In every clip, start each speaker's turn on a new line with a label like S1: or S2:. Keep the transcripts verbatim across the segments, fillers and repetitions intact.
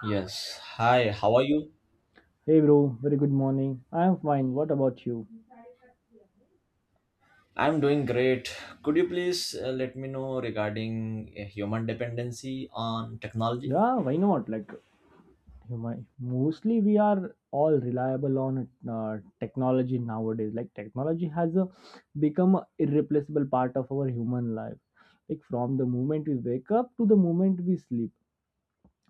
S1: Yes. Hi, how are you?
S2: Hey bro, very good morning. I'm fine. What about you?
S1: I'm doing great. Could you please uh, let me know regarding uh, human dependency on technology?
S2: Yeah, why not? Like, you might, mostly we are all reliable on uh, technology nowadays. Like, technology has uh, become a irreplaceable part of our human life. Like, from the moment we wake up to the moment we sleep,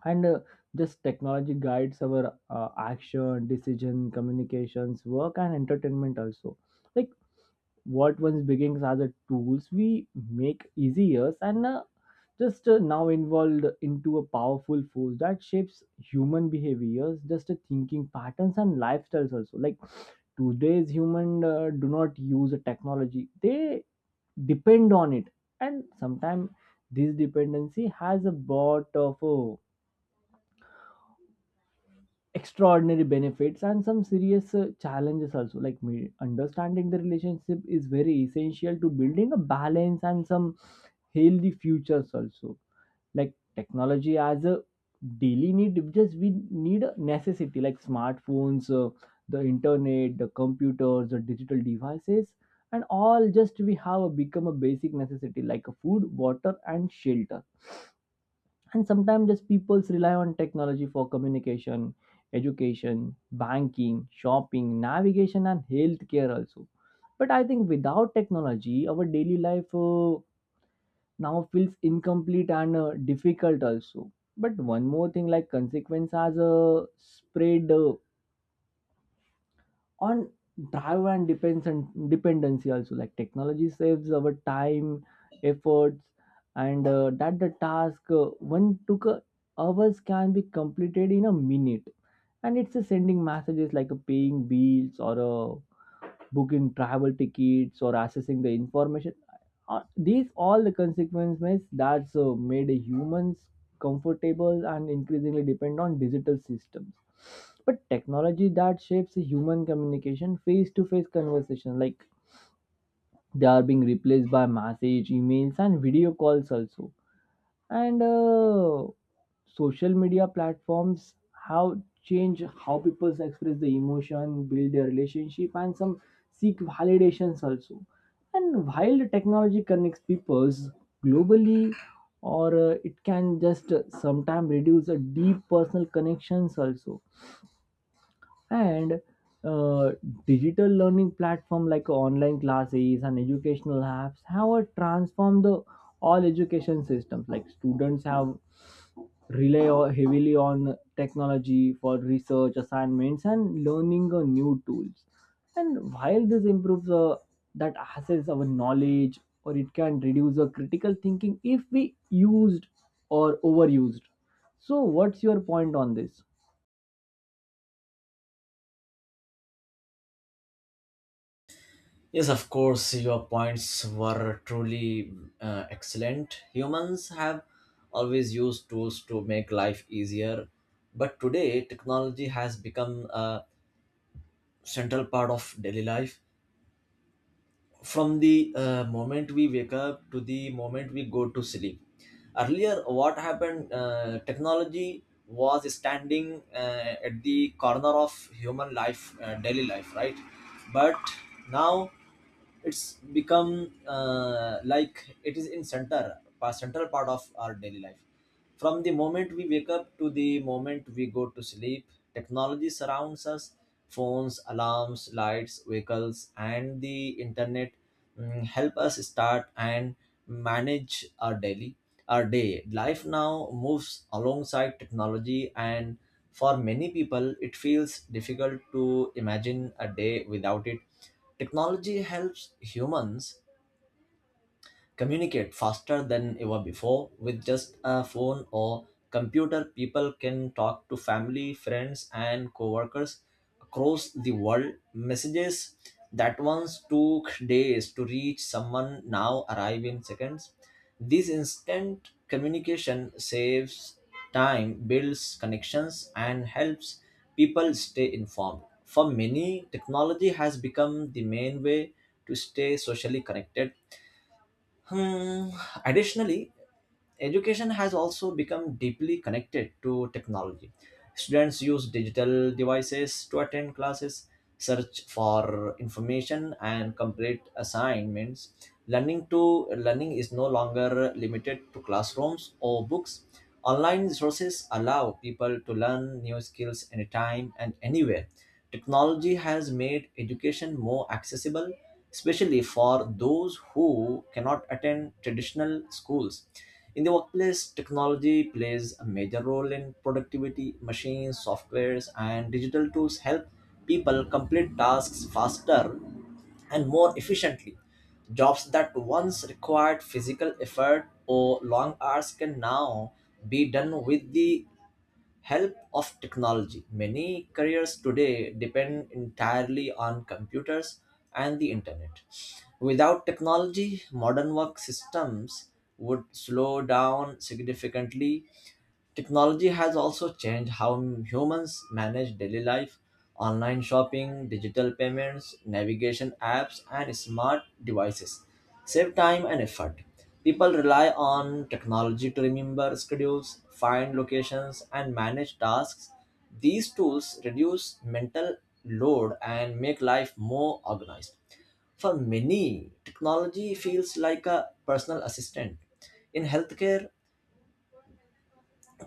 S2: and uh, just technology guides our uh, action, decision, communications, work, and entertainment also. Like, what once begins as a tools we make easier and uh, just uh, now involved into a powerful force that shapes human behaviors just uh, thinking patterns and lifestyles also. Like today's human uh, do not use a technology, they depend on it. And sometimes this dependency has a lot of uh, extraordinary benefits and some serious uh, challenges also. Like me understanding the relationship is very essential to building a balance and some healthy futures also. Like technology as a daily need, just we need a necessity like smartphones, uh, the internet, the computers, the digital devices, and all, just we have a, become a basic necessity like a food, water, and shelter. And sometimes just people's rely on technology for communication, education, banking, shopping, navigation, and healthcare also. But I think without technology our daily life uh, now feels incomplete and uh, difficult also. But one more thing, like consequence has uh, spread uh, on drive and depends and dependency also. Like technology saves our time, efforts, and uh, that the task uh, one took uh, hours can be completed in a minute. And it's a sending messages like a paying bills or a booking travel tickets or accessing the information. Uh, these all the consequences that's uh, made humans comfortable and increasingly depend on digital systems. But technology that shapes human communication, face to face conversation, like they are being replaced by message, emails, and video calls also. And uh, Social media platforms have changed how people express the emotion, build their relationship, and some seek validations also. And while the technology connects peoples globally, or uh, it can just sometimes reduce a deep personal connections also. And uh, Digital learning platform like online classes and educational apps have transformed the all education systems. Like students have rely o- heavily on technology for research assignments and learning uh, new tools. And while this improves uh, that access our knowledge, or it can reduce uh, critical thinking if we used or overused. So what's your point on this?
S1: Yes, of course, your points were truly uh, excellent. Humans have always used tools to make life easier, but today technology has become a central part of daily life. From the uh, moment we wake up to the moment we go to sleep, earlier what happened, uh, technology was standing uh, at the corner of human life, uh, daily life, right? But now it's become uh, like it is in center pa- central part of our daily life. From the moment we wake up to the moment we go to sleep, technology surrounds us. Phones, alarms, lights, vehicles, and the internet mm, help us start and manage our daily our day. Life now moves alongside technology, and for many people, it feels difficult to imagine a day without it. Technology helps humans communicate faster than ever before. With just a phone or computer, people can talk to family, friends, and coworkers across the world. Messages that once took days to reach someone now arrive in seconds. This instant communication saves time, builds connections, and helps people stay informed. For many, technology has become the main way to stay socially connected. Hmm. Additionally, education has also become deeply connected to technology. Students use digital devices to attend classes, search for information, and complete assignments. Learning to Learning is no longer limited to classrooms or books. Online resources allow people to learn new skills anytime and anywhere. Technology has made education more accessible, especially for those who cannot attend traditional schools. In the workplace, technology plays a major role in productivity. Machines, softwares, and digital tools help people complete tasks faster and more efficiently. Jobs that once required physical effort or long hours can now be done with the help of technology. Many careers today depend entirely on computers and the internet. Without technology, modern work systems would slow down significantly. Technology has also changed how humans manage daily life. Online shopping, digital payments, navigation apps, and smart devices save time and effort. People rely on technology to remember schedules, find locations, and manage tasks. These tools reduce mental load and make life more organized. For many, technology feels like a personal assistant. In healthcare,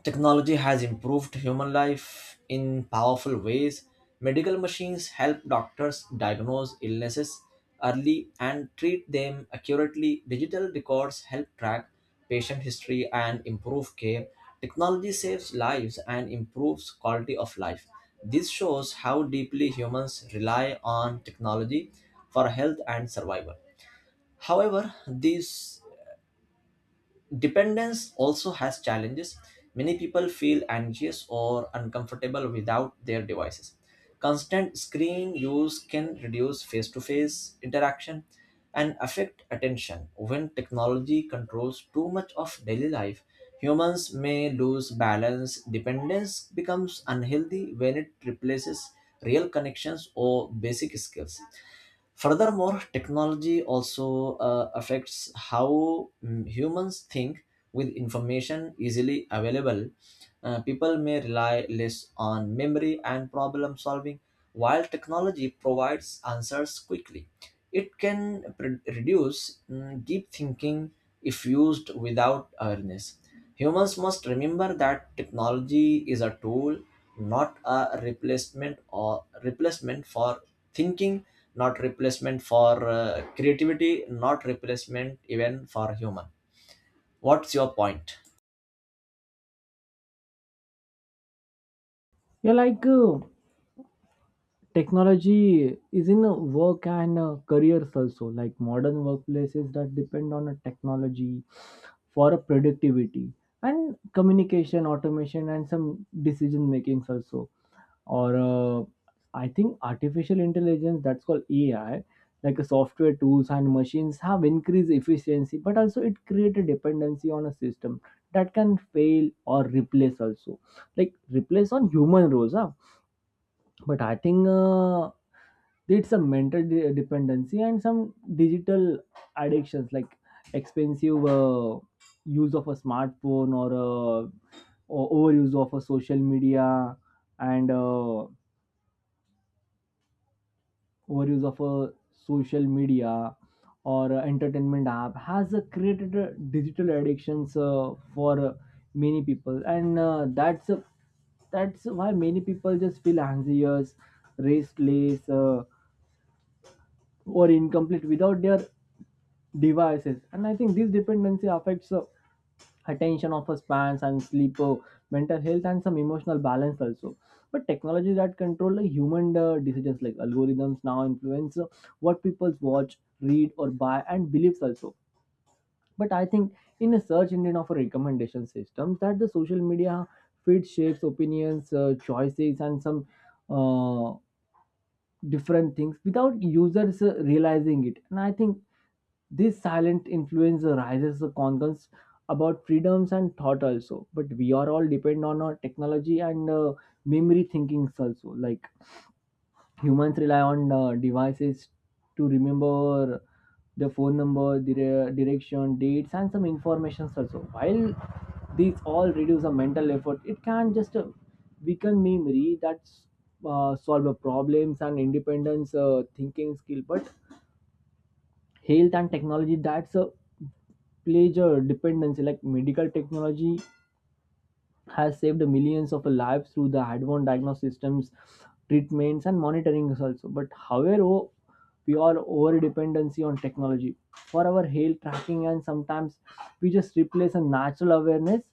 S1: technology has improved human life in powerful ways. Medical machines help doctors diagnose illnesses early and treat them accurately. Digital records help track patient history and improve care. Technology saves lives and improves quality of life. This shows how deeply humans rely on technology for health and survival. However, these dependence also has challenges. Many people feel anxious or uncomfortable without their devices. Constant screen use can reduce face to face interaction and affect attention. When technology controls too much of daily life, humans may lose balance. Dependence becomes unhealthy when it replaces real connections or basic skills. Furthermore, technology also uh, affects how mm, humans think. With information easily available, uh, people may rely less on memory and problem solving. While technology provides answers quickly, it can pre- reduce mm, deep thinking if used without awareness. Humans must remember that technology is a tool, not a replacement or replacement for thinking, not replacement for uh, creativity, not replacement even for human. What's your point?
S2: yeah like uh, Technology is in uh, work and uh, careers also. Like modern workplaces that depend on a technology for a productivity and communication, automation, and some decision makings also. Or uh, I think artificial intelligence, that's called ai, like a software tools and machines have increased efficiency, but also it create a dependency on a system that can fail or replace also, like replace on human roles, huh? But I think uh, it's a mental de- dependency and some digital addictions like expensive uh, use of a smartphone, or, uh, or overuse of a social media, and uh, overuse of a social media or uh, entertainment app has uh, created uh, digital addictions uh, for uh, many people. And uh, that's a That's why many people just feel anxious, restless, uh, or incomplete without their devices. And I think this dependency affects uh, attention of spans and sleep, uh, mental health, and some emotional balance also. But technology that control the human uh, decisions, like algorithms now influence uh, what people watch, read, or buy, and beliefs also. But I think in a search engine of a recommendation system that the social media feed shapes opinions, uh, choices, and some uh, different things without users uh, realizing it. And I think this silent influence raises the concerns about freedoms and thought also. But we are all depend on our technology and uh, memory thinkings also. Like humans rely on uh, devices to remember the phone number, dire- direction, dates, and some information also. While these all reduce the mental effort, it can just uh, weaken memory that uh, solve the problems and independence uh, thinking skill. But health and technology, that's a pleasure dependency, like medical technology has saved millions of lives through the advanced diagnostic systems, treatments, and monitoring also. But however, we are over dependency on technology for our health tracking, and sometimes we just replace a natural awareness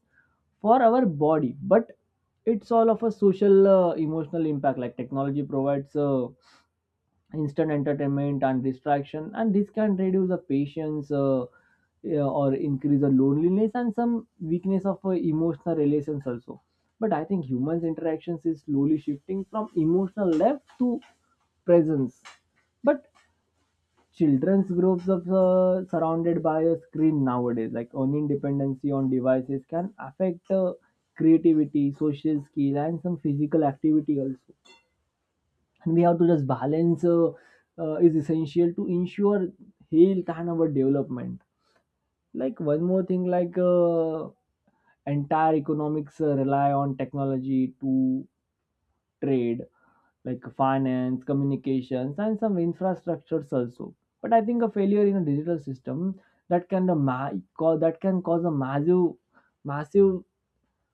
S2: for our body. But it's all of a social, uh, emotional impact. Like technology provides Uh, instant entertainment and distraction, and this can reduce the patience, uh, yeah, or increase the loneliness and some weakness of uh, emotional relations also. But I think humans interactions is slowly shifting from emotional depth to presence. But children's groups of uh, surrounded by a screen nowadays, like earning dependency on devices can affect uh, creativity, social skill, and some physical activity also. And we have to just balance uh, uh, is essential to ensure health and our development. Like one more thing, like uh, entire economics uh, rely on technology to trade, like finance, communications, and some infrastructures also. But I think a failure in a digital system that can the ma- cau- that can cause a massive, massive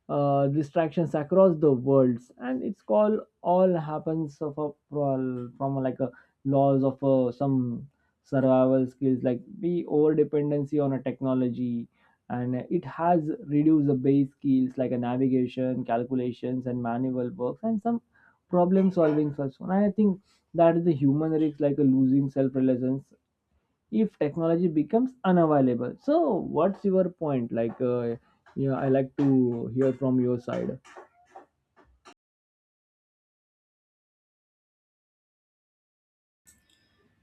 S2: uh, distractions across the worlds, and it's called all happens of a pro- from like a laws of uh, some survival skills, like we over dependency on a technology, and it has reduced the base skills like a navigation, calculations, and manual works, and some problem solving first one. And I think that is the human risk, like a losing self-reliance if technology becomes unavailable. So what's your point? Like uh, yeah, I like to hear from your side.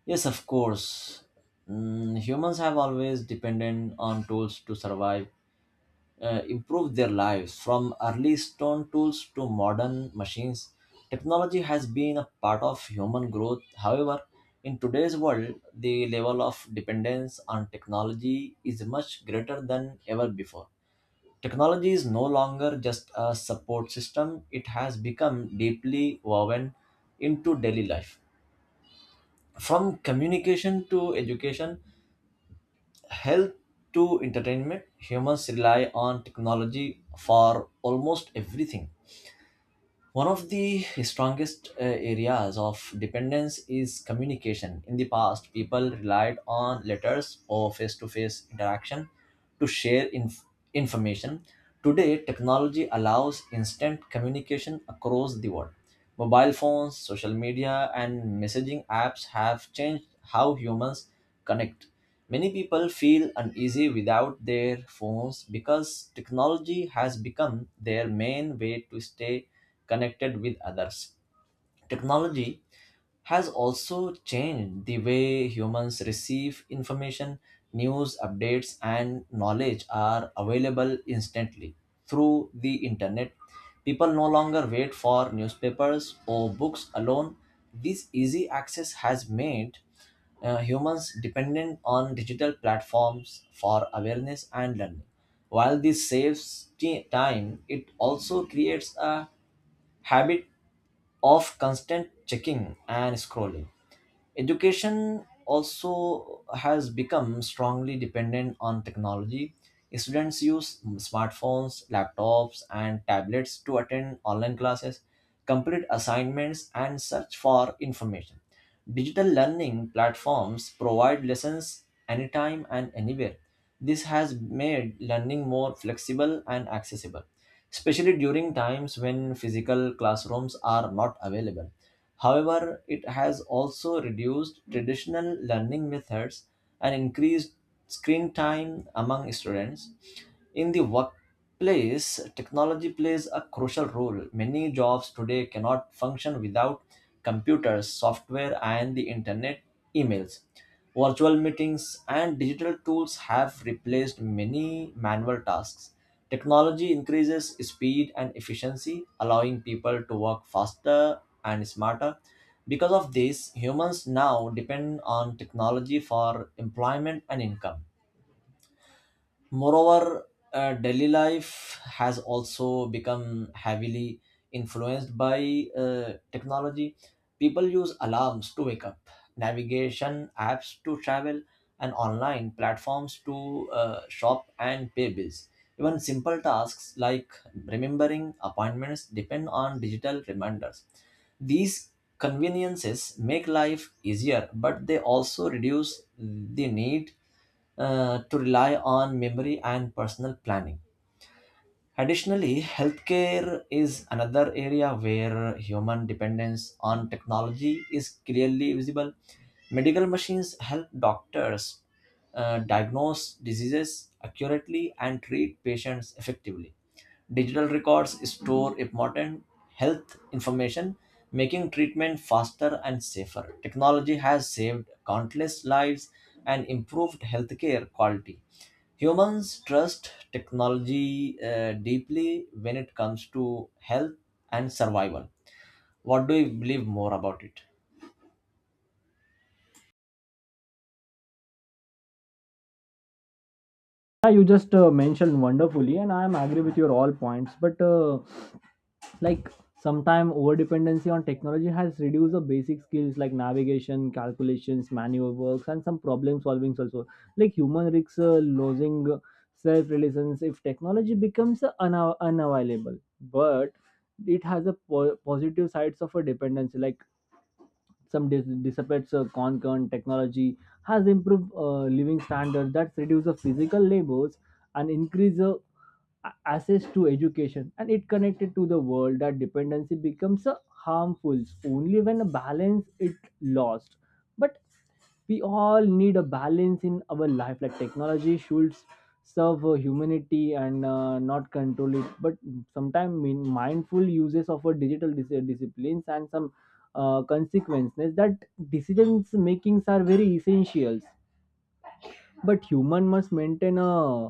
S1: Yes, of course. Mm, humans have always depended on tools to survive, uh, improve their lives. From early stone tools to modern machines, technology has been a part of human growth. However, in today's world, the level of dependence on technology is much greater than ever before. Technology is no longer just a support system, it has become deeply woven into daily life. From communication to education, health to entertainment, humans rely on technology for almost everything. One of the strongest uh, areas of dependence is communication. In the past, people relied on letters or face to face interaction to share inf- information. Today, technology allows instant communication across the world. Mobile phones, social media, and messaging apps have changed how humans connect. Many people feel uneasy without their phones because technology has become their main way to stay connected with others. Technology has also changed the way humans receive information. News updates and knowledge are available instantly through the internet. People no longer wait for newspapers or books alone. This easy access has made uh, humans dependent on digital platforms for awareness and learning. While this saves ti- time, it also creates a habit of constant checking and scrolling. Education also has become strongly dependent on technology. Students use smartphones, laptops, and tablets to attend online classes, complete assignments, and search for information. Digital learning platforms provide lessons anytime and anywhere. This has made learning more flexible and accessible, especially during times when physical classrooms are not available. However, it has also reduced traditional learning methods and increased screen time among students. In the workplace, technology plays a crucial role. Many jobs today cannot function without computers, software, and the internet, emails. Virtual meetings and digital tools have replaced many manual tasks. Technology increases speed and efficiency, allowing people to work faster and smarter. Because of this, humans now depend on technology for employment and income. Moreover, uh, daily life has also become heavily influenced by uh, technology. People use alarms to wake up, navigation apps to travel, and online platforms to uh, shop and pay bills. Even simple tasks like remembering appointments depend on digital reminders. These conveniences make life easier, but they also reduce the need uh, to rely on memory and personal planning. Additionally, healthcare is another area where human dependence on technology is clearly visible. Medical machines help doctors uh, diagnose diseases accurately and treat patients effectively. Digital records store important health information, making treatment faster and safer. Technology has saved countless lives and improved healthcare quality. Humans trust technology uh, deeply when it comes to health and survival. What do you believe more about it?
S2: Yeah, you just uh, mentioned wonderfully and I am agree with your all points, but uh, like sometime over dependency on technology has reduced the basic skills like navigation, calculations, manual works, and some problem solving also, like human risks uh, losing self reliance if technology becomes uh, una- unavailable. But it has a po- positive sides of a dependency, like some dis- dissipates uh, concurrent technology has improved uh, living standards that reduce the physical labors and increase the a- access to education and it connected to the world, that dependency becomes uh, harmful only when a balance it lost. But we all need a balance in our life, like technology should serve uh, humanity and uh, not control it. But sometimes mindful uses of a digital dis- uh, disciplines and some uh, consequences, that decisions makings are very essentials. But human must maintain a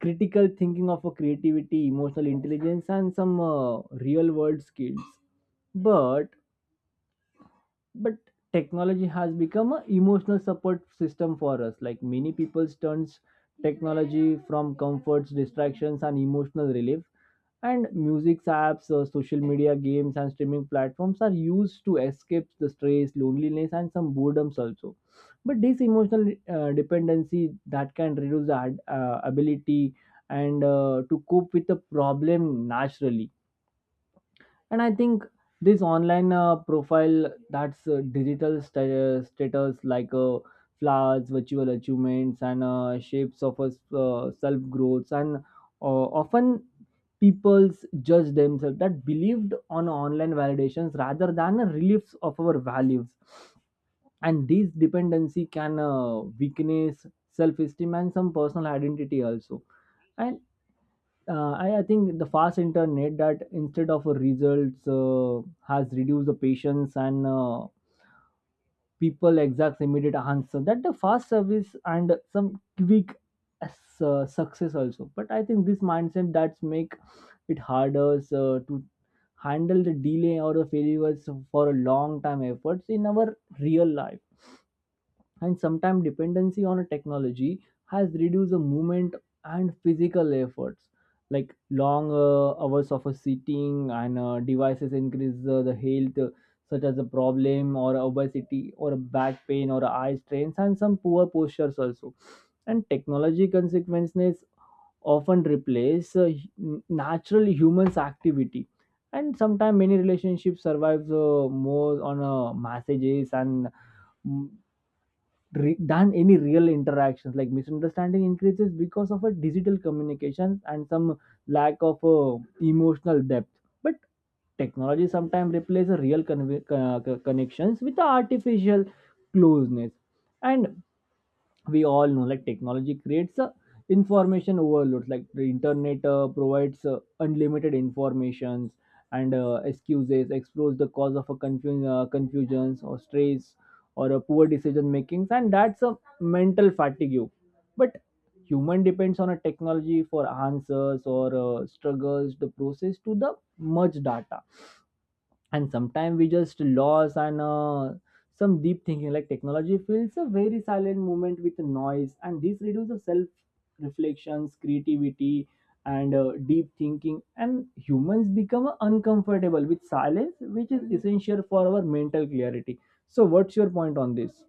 S2: critical thinking of a creativity, emotional intelligence, and some uh, real world skills. But but technology has become an emotional support system for us. Like many people turns technology from comforts, distractions, and emotional relief. And music apps, uh, social media, games, and streaming platforms are used to escape the stress, loneliness, and some boredoms also. But this emotional uh, dependency that can reduce the ad- uh, ability and uh, to cope with the problem naturally. And I think this online uh, profile, that's uh, digital sta- uh, status, like uh, flowers, virtual achievements, and uh, shapes of us uh, self growth, and uh, often people's judge themselves that believed on online validations rather than a reliefs of our values. And this dependency can uh, weakness self-esteem and some personal identity also. And uh, I, I think the fast internet that instead of results uh, has reduced the patience and uh, people exact immediate answer that the fast service and some quick s- uh, success also. But I think this mindset that's make it harder uh, to handle the delay or the failures for a long time efforts in our real life. And sometimes dependency on a technology has reduced the movement and physical efforts, like long uh, hours of a sitting and uh, devices increase uh, the health uh, such as a problem or obesity or a back pain or eye strains and some poor postures also. And technology consequences often replace uh, hu- natural humans activity. And sometimes many relationships survive uh, more on uh, messages and mm, re- than any real interactions, like misunderstanding increases because of a digital communications and some lack of uh, emotional depth. But technology sometimes replaces real con- uh, connections with the artificial closeness. And we all know like technology creates uh, information overloads, like the internet uh, provides uh, unlimited informations and uh, excuses explores the cause of a confusion uh, confusions or stress or a poor decision makings, and that's a mental fatigue. But human depends on a technology for answers, or uh, struggles the process to the much data. And sometimes we just lost and uh, some deep thinking, like technology fills a very silent moment with noise, and this reduces self reflections, creativity, and uh, deep thinking. And humans become uncomfortable with silence which is essential for our mental clarity. So what's your point on this?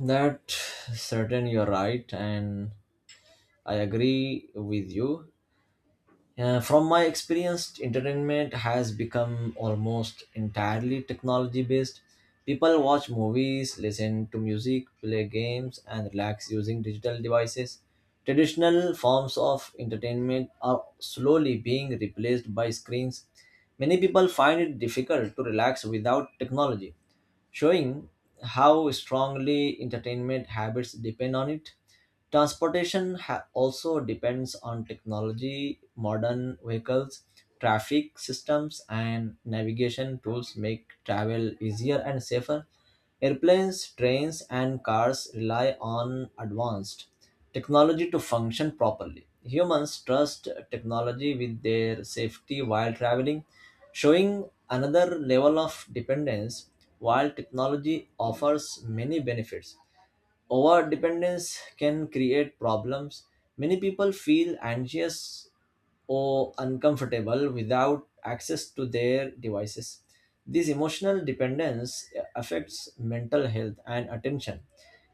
S1: That certain, you're right, and I agree with you. Uh, from my experience, entertainment has become almost entirely technology based. People watch movies, listen to music, play games, and relax using digital devices. Traditional forms of entertainment are slowly being replaced by screens. Many people find it difficult to relax without technology, showing how strongly entertainment habits depend on it. Transportation ha- also depends on technology. Modern vehicles, traffic systems, and navigation tools make travel easier and safer. Airplanes, trains, and cars rely on advanced technology to function properly. Humans trust technology with their safety while traveling, showing another level of dependence. While technology offers many benefits, over dependence can create problems. Many people feel anxious or uncomfortable without access to their devices. This emotional dependence affects mental health and attention.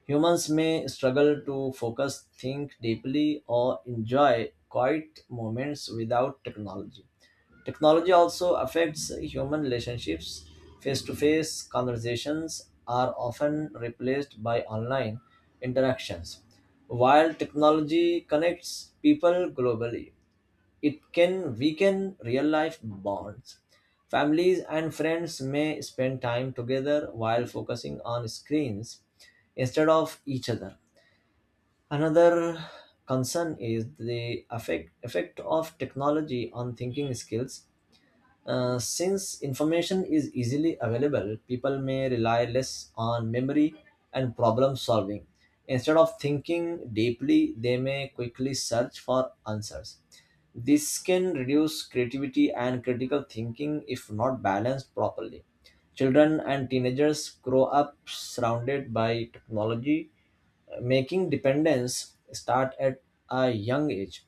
S1: Humans may struggle to focus, think deeply, or enjoy quiet moments without technology. Technology also affects human relationships. Face to face conversations are often replaced by online interactions. While technology connects people globally, it can weaken real life bonds. Families and friends may spend time together while focusing on screens instead of each other. Another concern is the effect, effect of technology on thinking skills. Uh, since information is easily available, people may rely less on memory and problem solving. Instead of thinking deeply, they may quickly search for answers. This can reduce creativity and critical thinking if not balanced properly. Children and teenagers grow up surrounded by technology, making dependence start at a young age.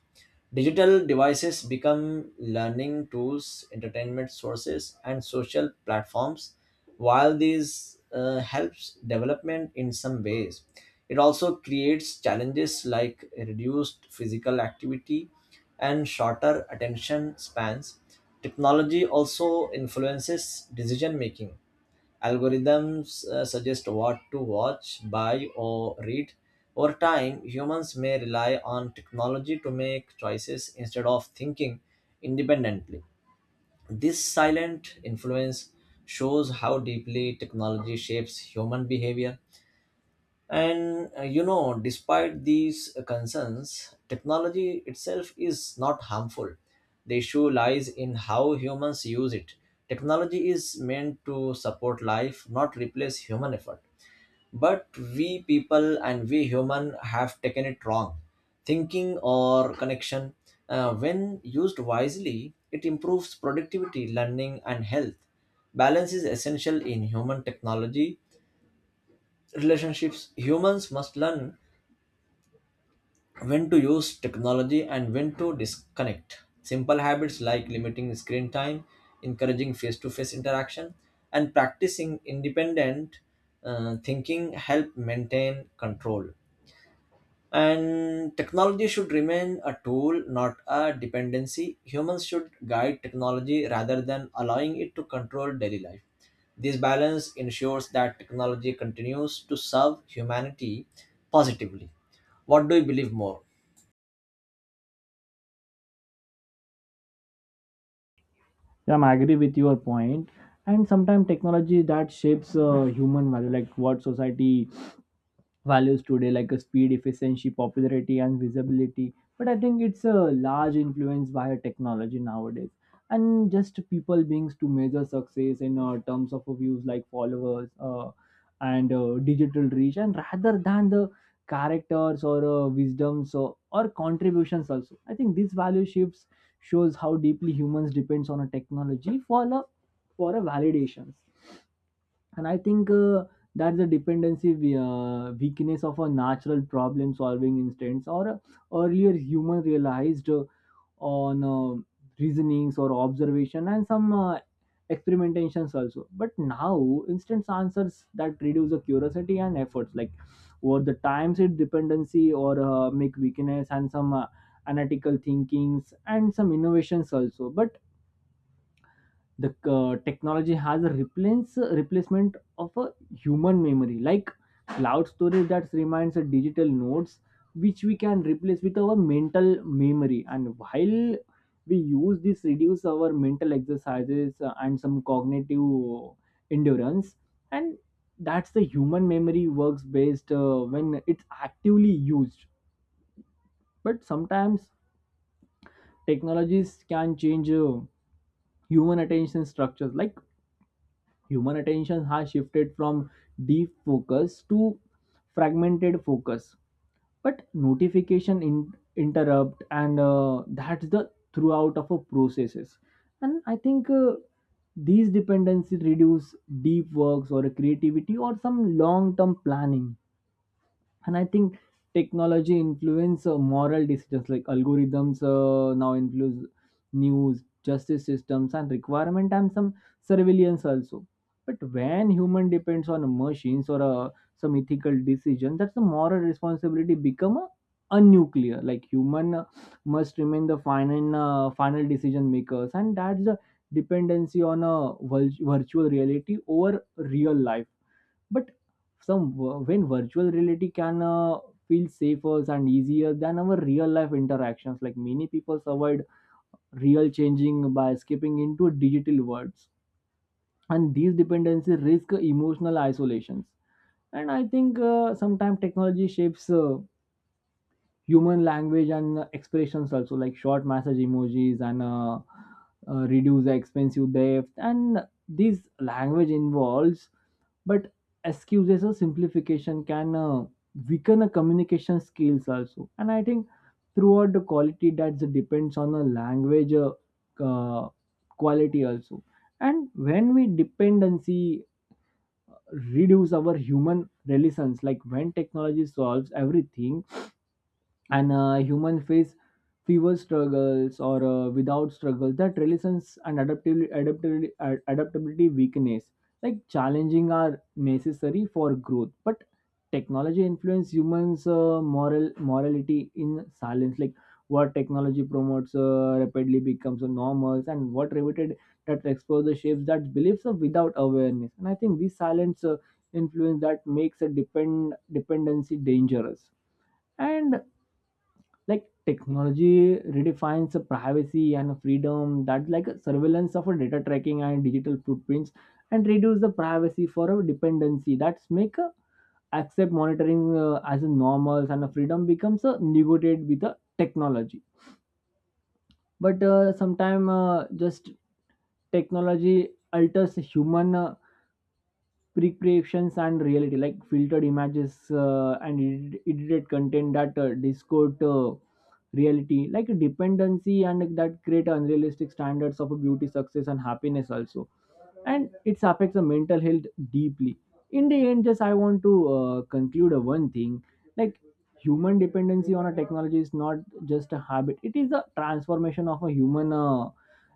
S1: Digital devices become learning tools, entertainment sources, and social platforms. While these uh, helps development in some ways, it also creates challenges like reduced physical activity and shorter attention spans. Technology also influences decision making. Algorithms uh, suggest what to watch, buy, or read. Over time, humans may rely on technology to make choices instead of thinking independently. This silent influence shows how deeply technology shapes human behavior. And uh, you know, despite these uh, concerns, technology itself is not harmful. The issue lies in how humans use it. Technology is meant to support life, not replace human effort. But we people and we human have taken it wrong. Thinking or connection, uh, when used wisely, it improves productivity, learning, and health. Balance is essential in human technology relationships. Humans must learn when to use technology and when to disconnect. Simple habits like limiting screen time, encouraging face to face interaction, and practicing independent uh, thinking help maintain control. And technology should remain a tool, not a dependency. Humans should guide technology rather than allowing it to control daily life. This balance ensures that technology continues to serve humanity positively. What do you believe more?
S2: Yeah, I'm agree with your point point. And sometimes technology that shapes uh, human value, like what society values today, like a speed, efficiency, popularity and visibility. But I think it's a large influence by technology nowadays. And just people being to measure success in uh, terms of views, like followers, uh, and uh, digital reach, and rather than the characters or uh, wisdoms or, or contributions also. I think this value shifts shows how deeply humans depends on a technology for a, for a validations. And I think uh, that's the dependency we- uh, weakness of a natural problem solving instance or uh, earlier human realized uh, on uh, reasonings or observation and some uh, experimentations also. But now instant answers that reduce the curiosity and efforts, like over the times it dependency or uh, make weakness and some uh, analytical thinkings and some innovations also. But the uh, technology has a replace replacement of a human memory, like cloud storage that reminds a digital nodes which we can replace with our mental memory. And while we use this reduce our mental exercises uh, and some cognitive endurance. And that's the human memory works based uh, when it's actively used. But sometimes technologies can change uh, human attention structures, like human attention has shifted from deep focus to fragmented focus. But notification in, interrupt and uh, that's the throughout of a processes. And I think uh, these dependencies reduce deep works or creativity or some long term planning. And I think technology influence uh, moral decisions, like algorithms uh, now influence news, justice systems and requirement and some surveillance also. But when human depends on machines or uh, some ethical decision, that's the moral responsibility become a, a nuclear, like human uh, must remain the final uh, final decision makers. And that's the dependency on a vir- virtual reality over real life. But some, when virtual reality can uh, feel safer and easier than our real life interactions, like many people avoid real changing by skipping into digital worlds. And these dependencies risk emotional isolations. And I think uh, sometimes technology shapes uh, human language and uh, expressions also, like short message emojis and uh, uh, reduce the expensive depth and this language involves. But excuses or simplification can uh, weaken a communication skills also. And I think throughout the quality that depends on the language uh, uh, quality also. And when we dependency reduce our human relations, like when technology solves everything and uh, human face fewer struggles or uh, without struggle that resilience and adaptability, adaptability ad- adaptability weakness, like challenging are necessary for growth. But technology influence humans uh, moral morality in silence, like what technology promotes uh, rapidly becomes a normal, and what repeated that exposure shapes that beliefs uh, without awareness. And I think this silence uh, influence that makes a depend dependency dangerous. And like technology redefines privacy and freedom, that like surveillance of a data tracking and digital footprints and reduce the privacy for a dependency. That's make uh, accept monitoring uh, as a normal, and a freedom becomes uh, negotiated with the technology. But uh, sometime uh, just technology alters human uh, pre-creations and reality, like filtered images uh, and ed- edited content that uh, distort uh, reality, like a dependency, and that create unrealistic standards of beauty, success and happiness also. And it affects the mental health deeply. In the end, just I want to uh, conclude a one thing, like human dependency on a technology is not just a habit, it is a transformation of a human uh,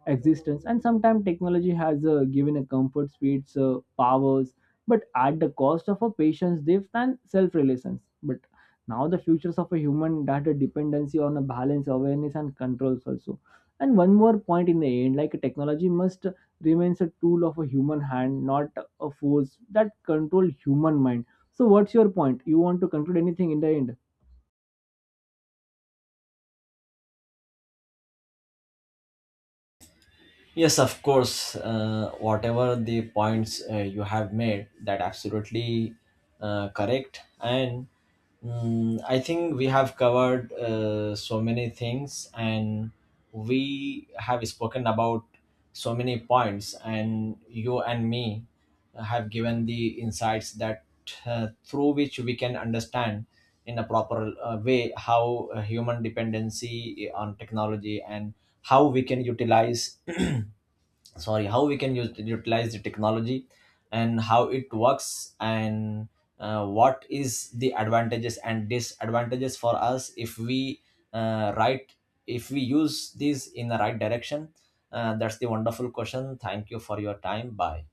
S2: existence. And sometimes technology has uh, given a comfort, speeds, uh, powers, but at the cost of a patient's depth and self-reliance. But now the futures of a human data dependency on a balance, awareness and controls also. And one more point in the end, like technology must remains a tool of a human hand, not a force that control human mind. So what's your point? You want to conclude anything in the end?
S1: Yes, of course. Uh, whatever the points uh, you have made, that absolutely uh, correct. And mm, I think we have covered uh, so many things, and we have spoken about so many points. And you and me have given the insights that uh, through which we can understand in a proper uh, way how uh, human dependency on technology and how we can utilize sorry, how we can use utilize the technology and how it works, and uh, what is the advantages and disadvantages for us if we uh, right if we use these in the right direction. Uh, that's the wonderful question. Thank you for your time. Bye.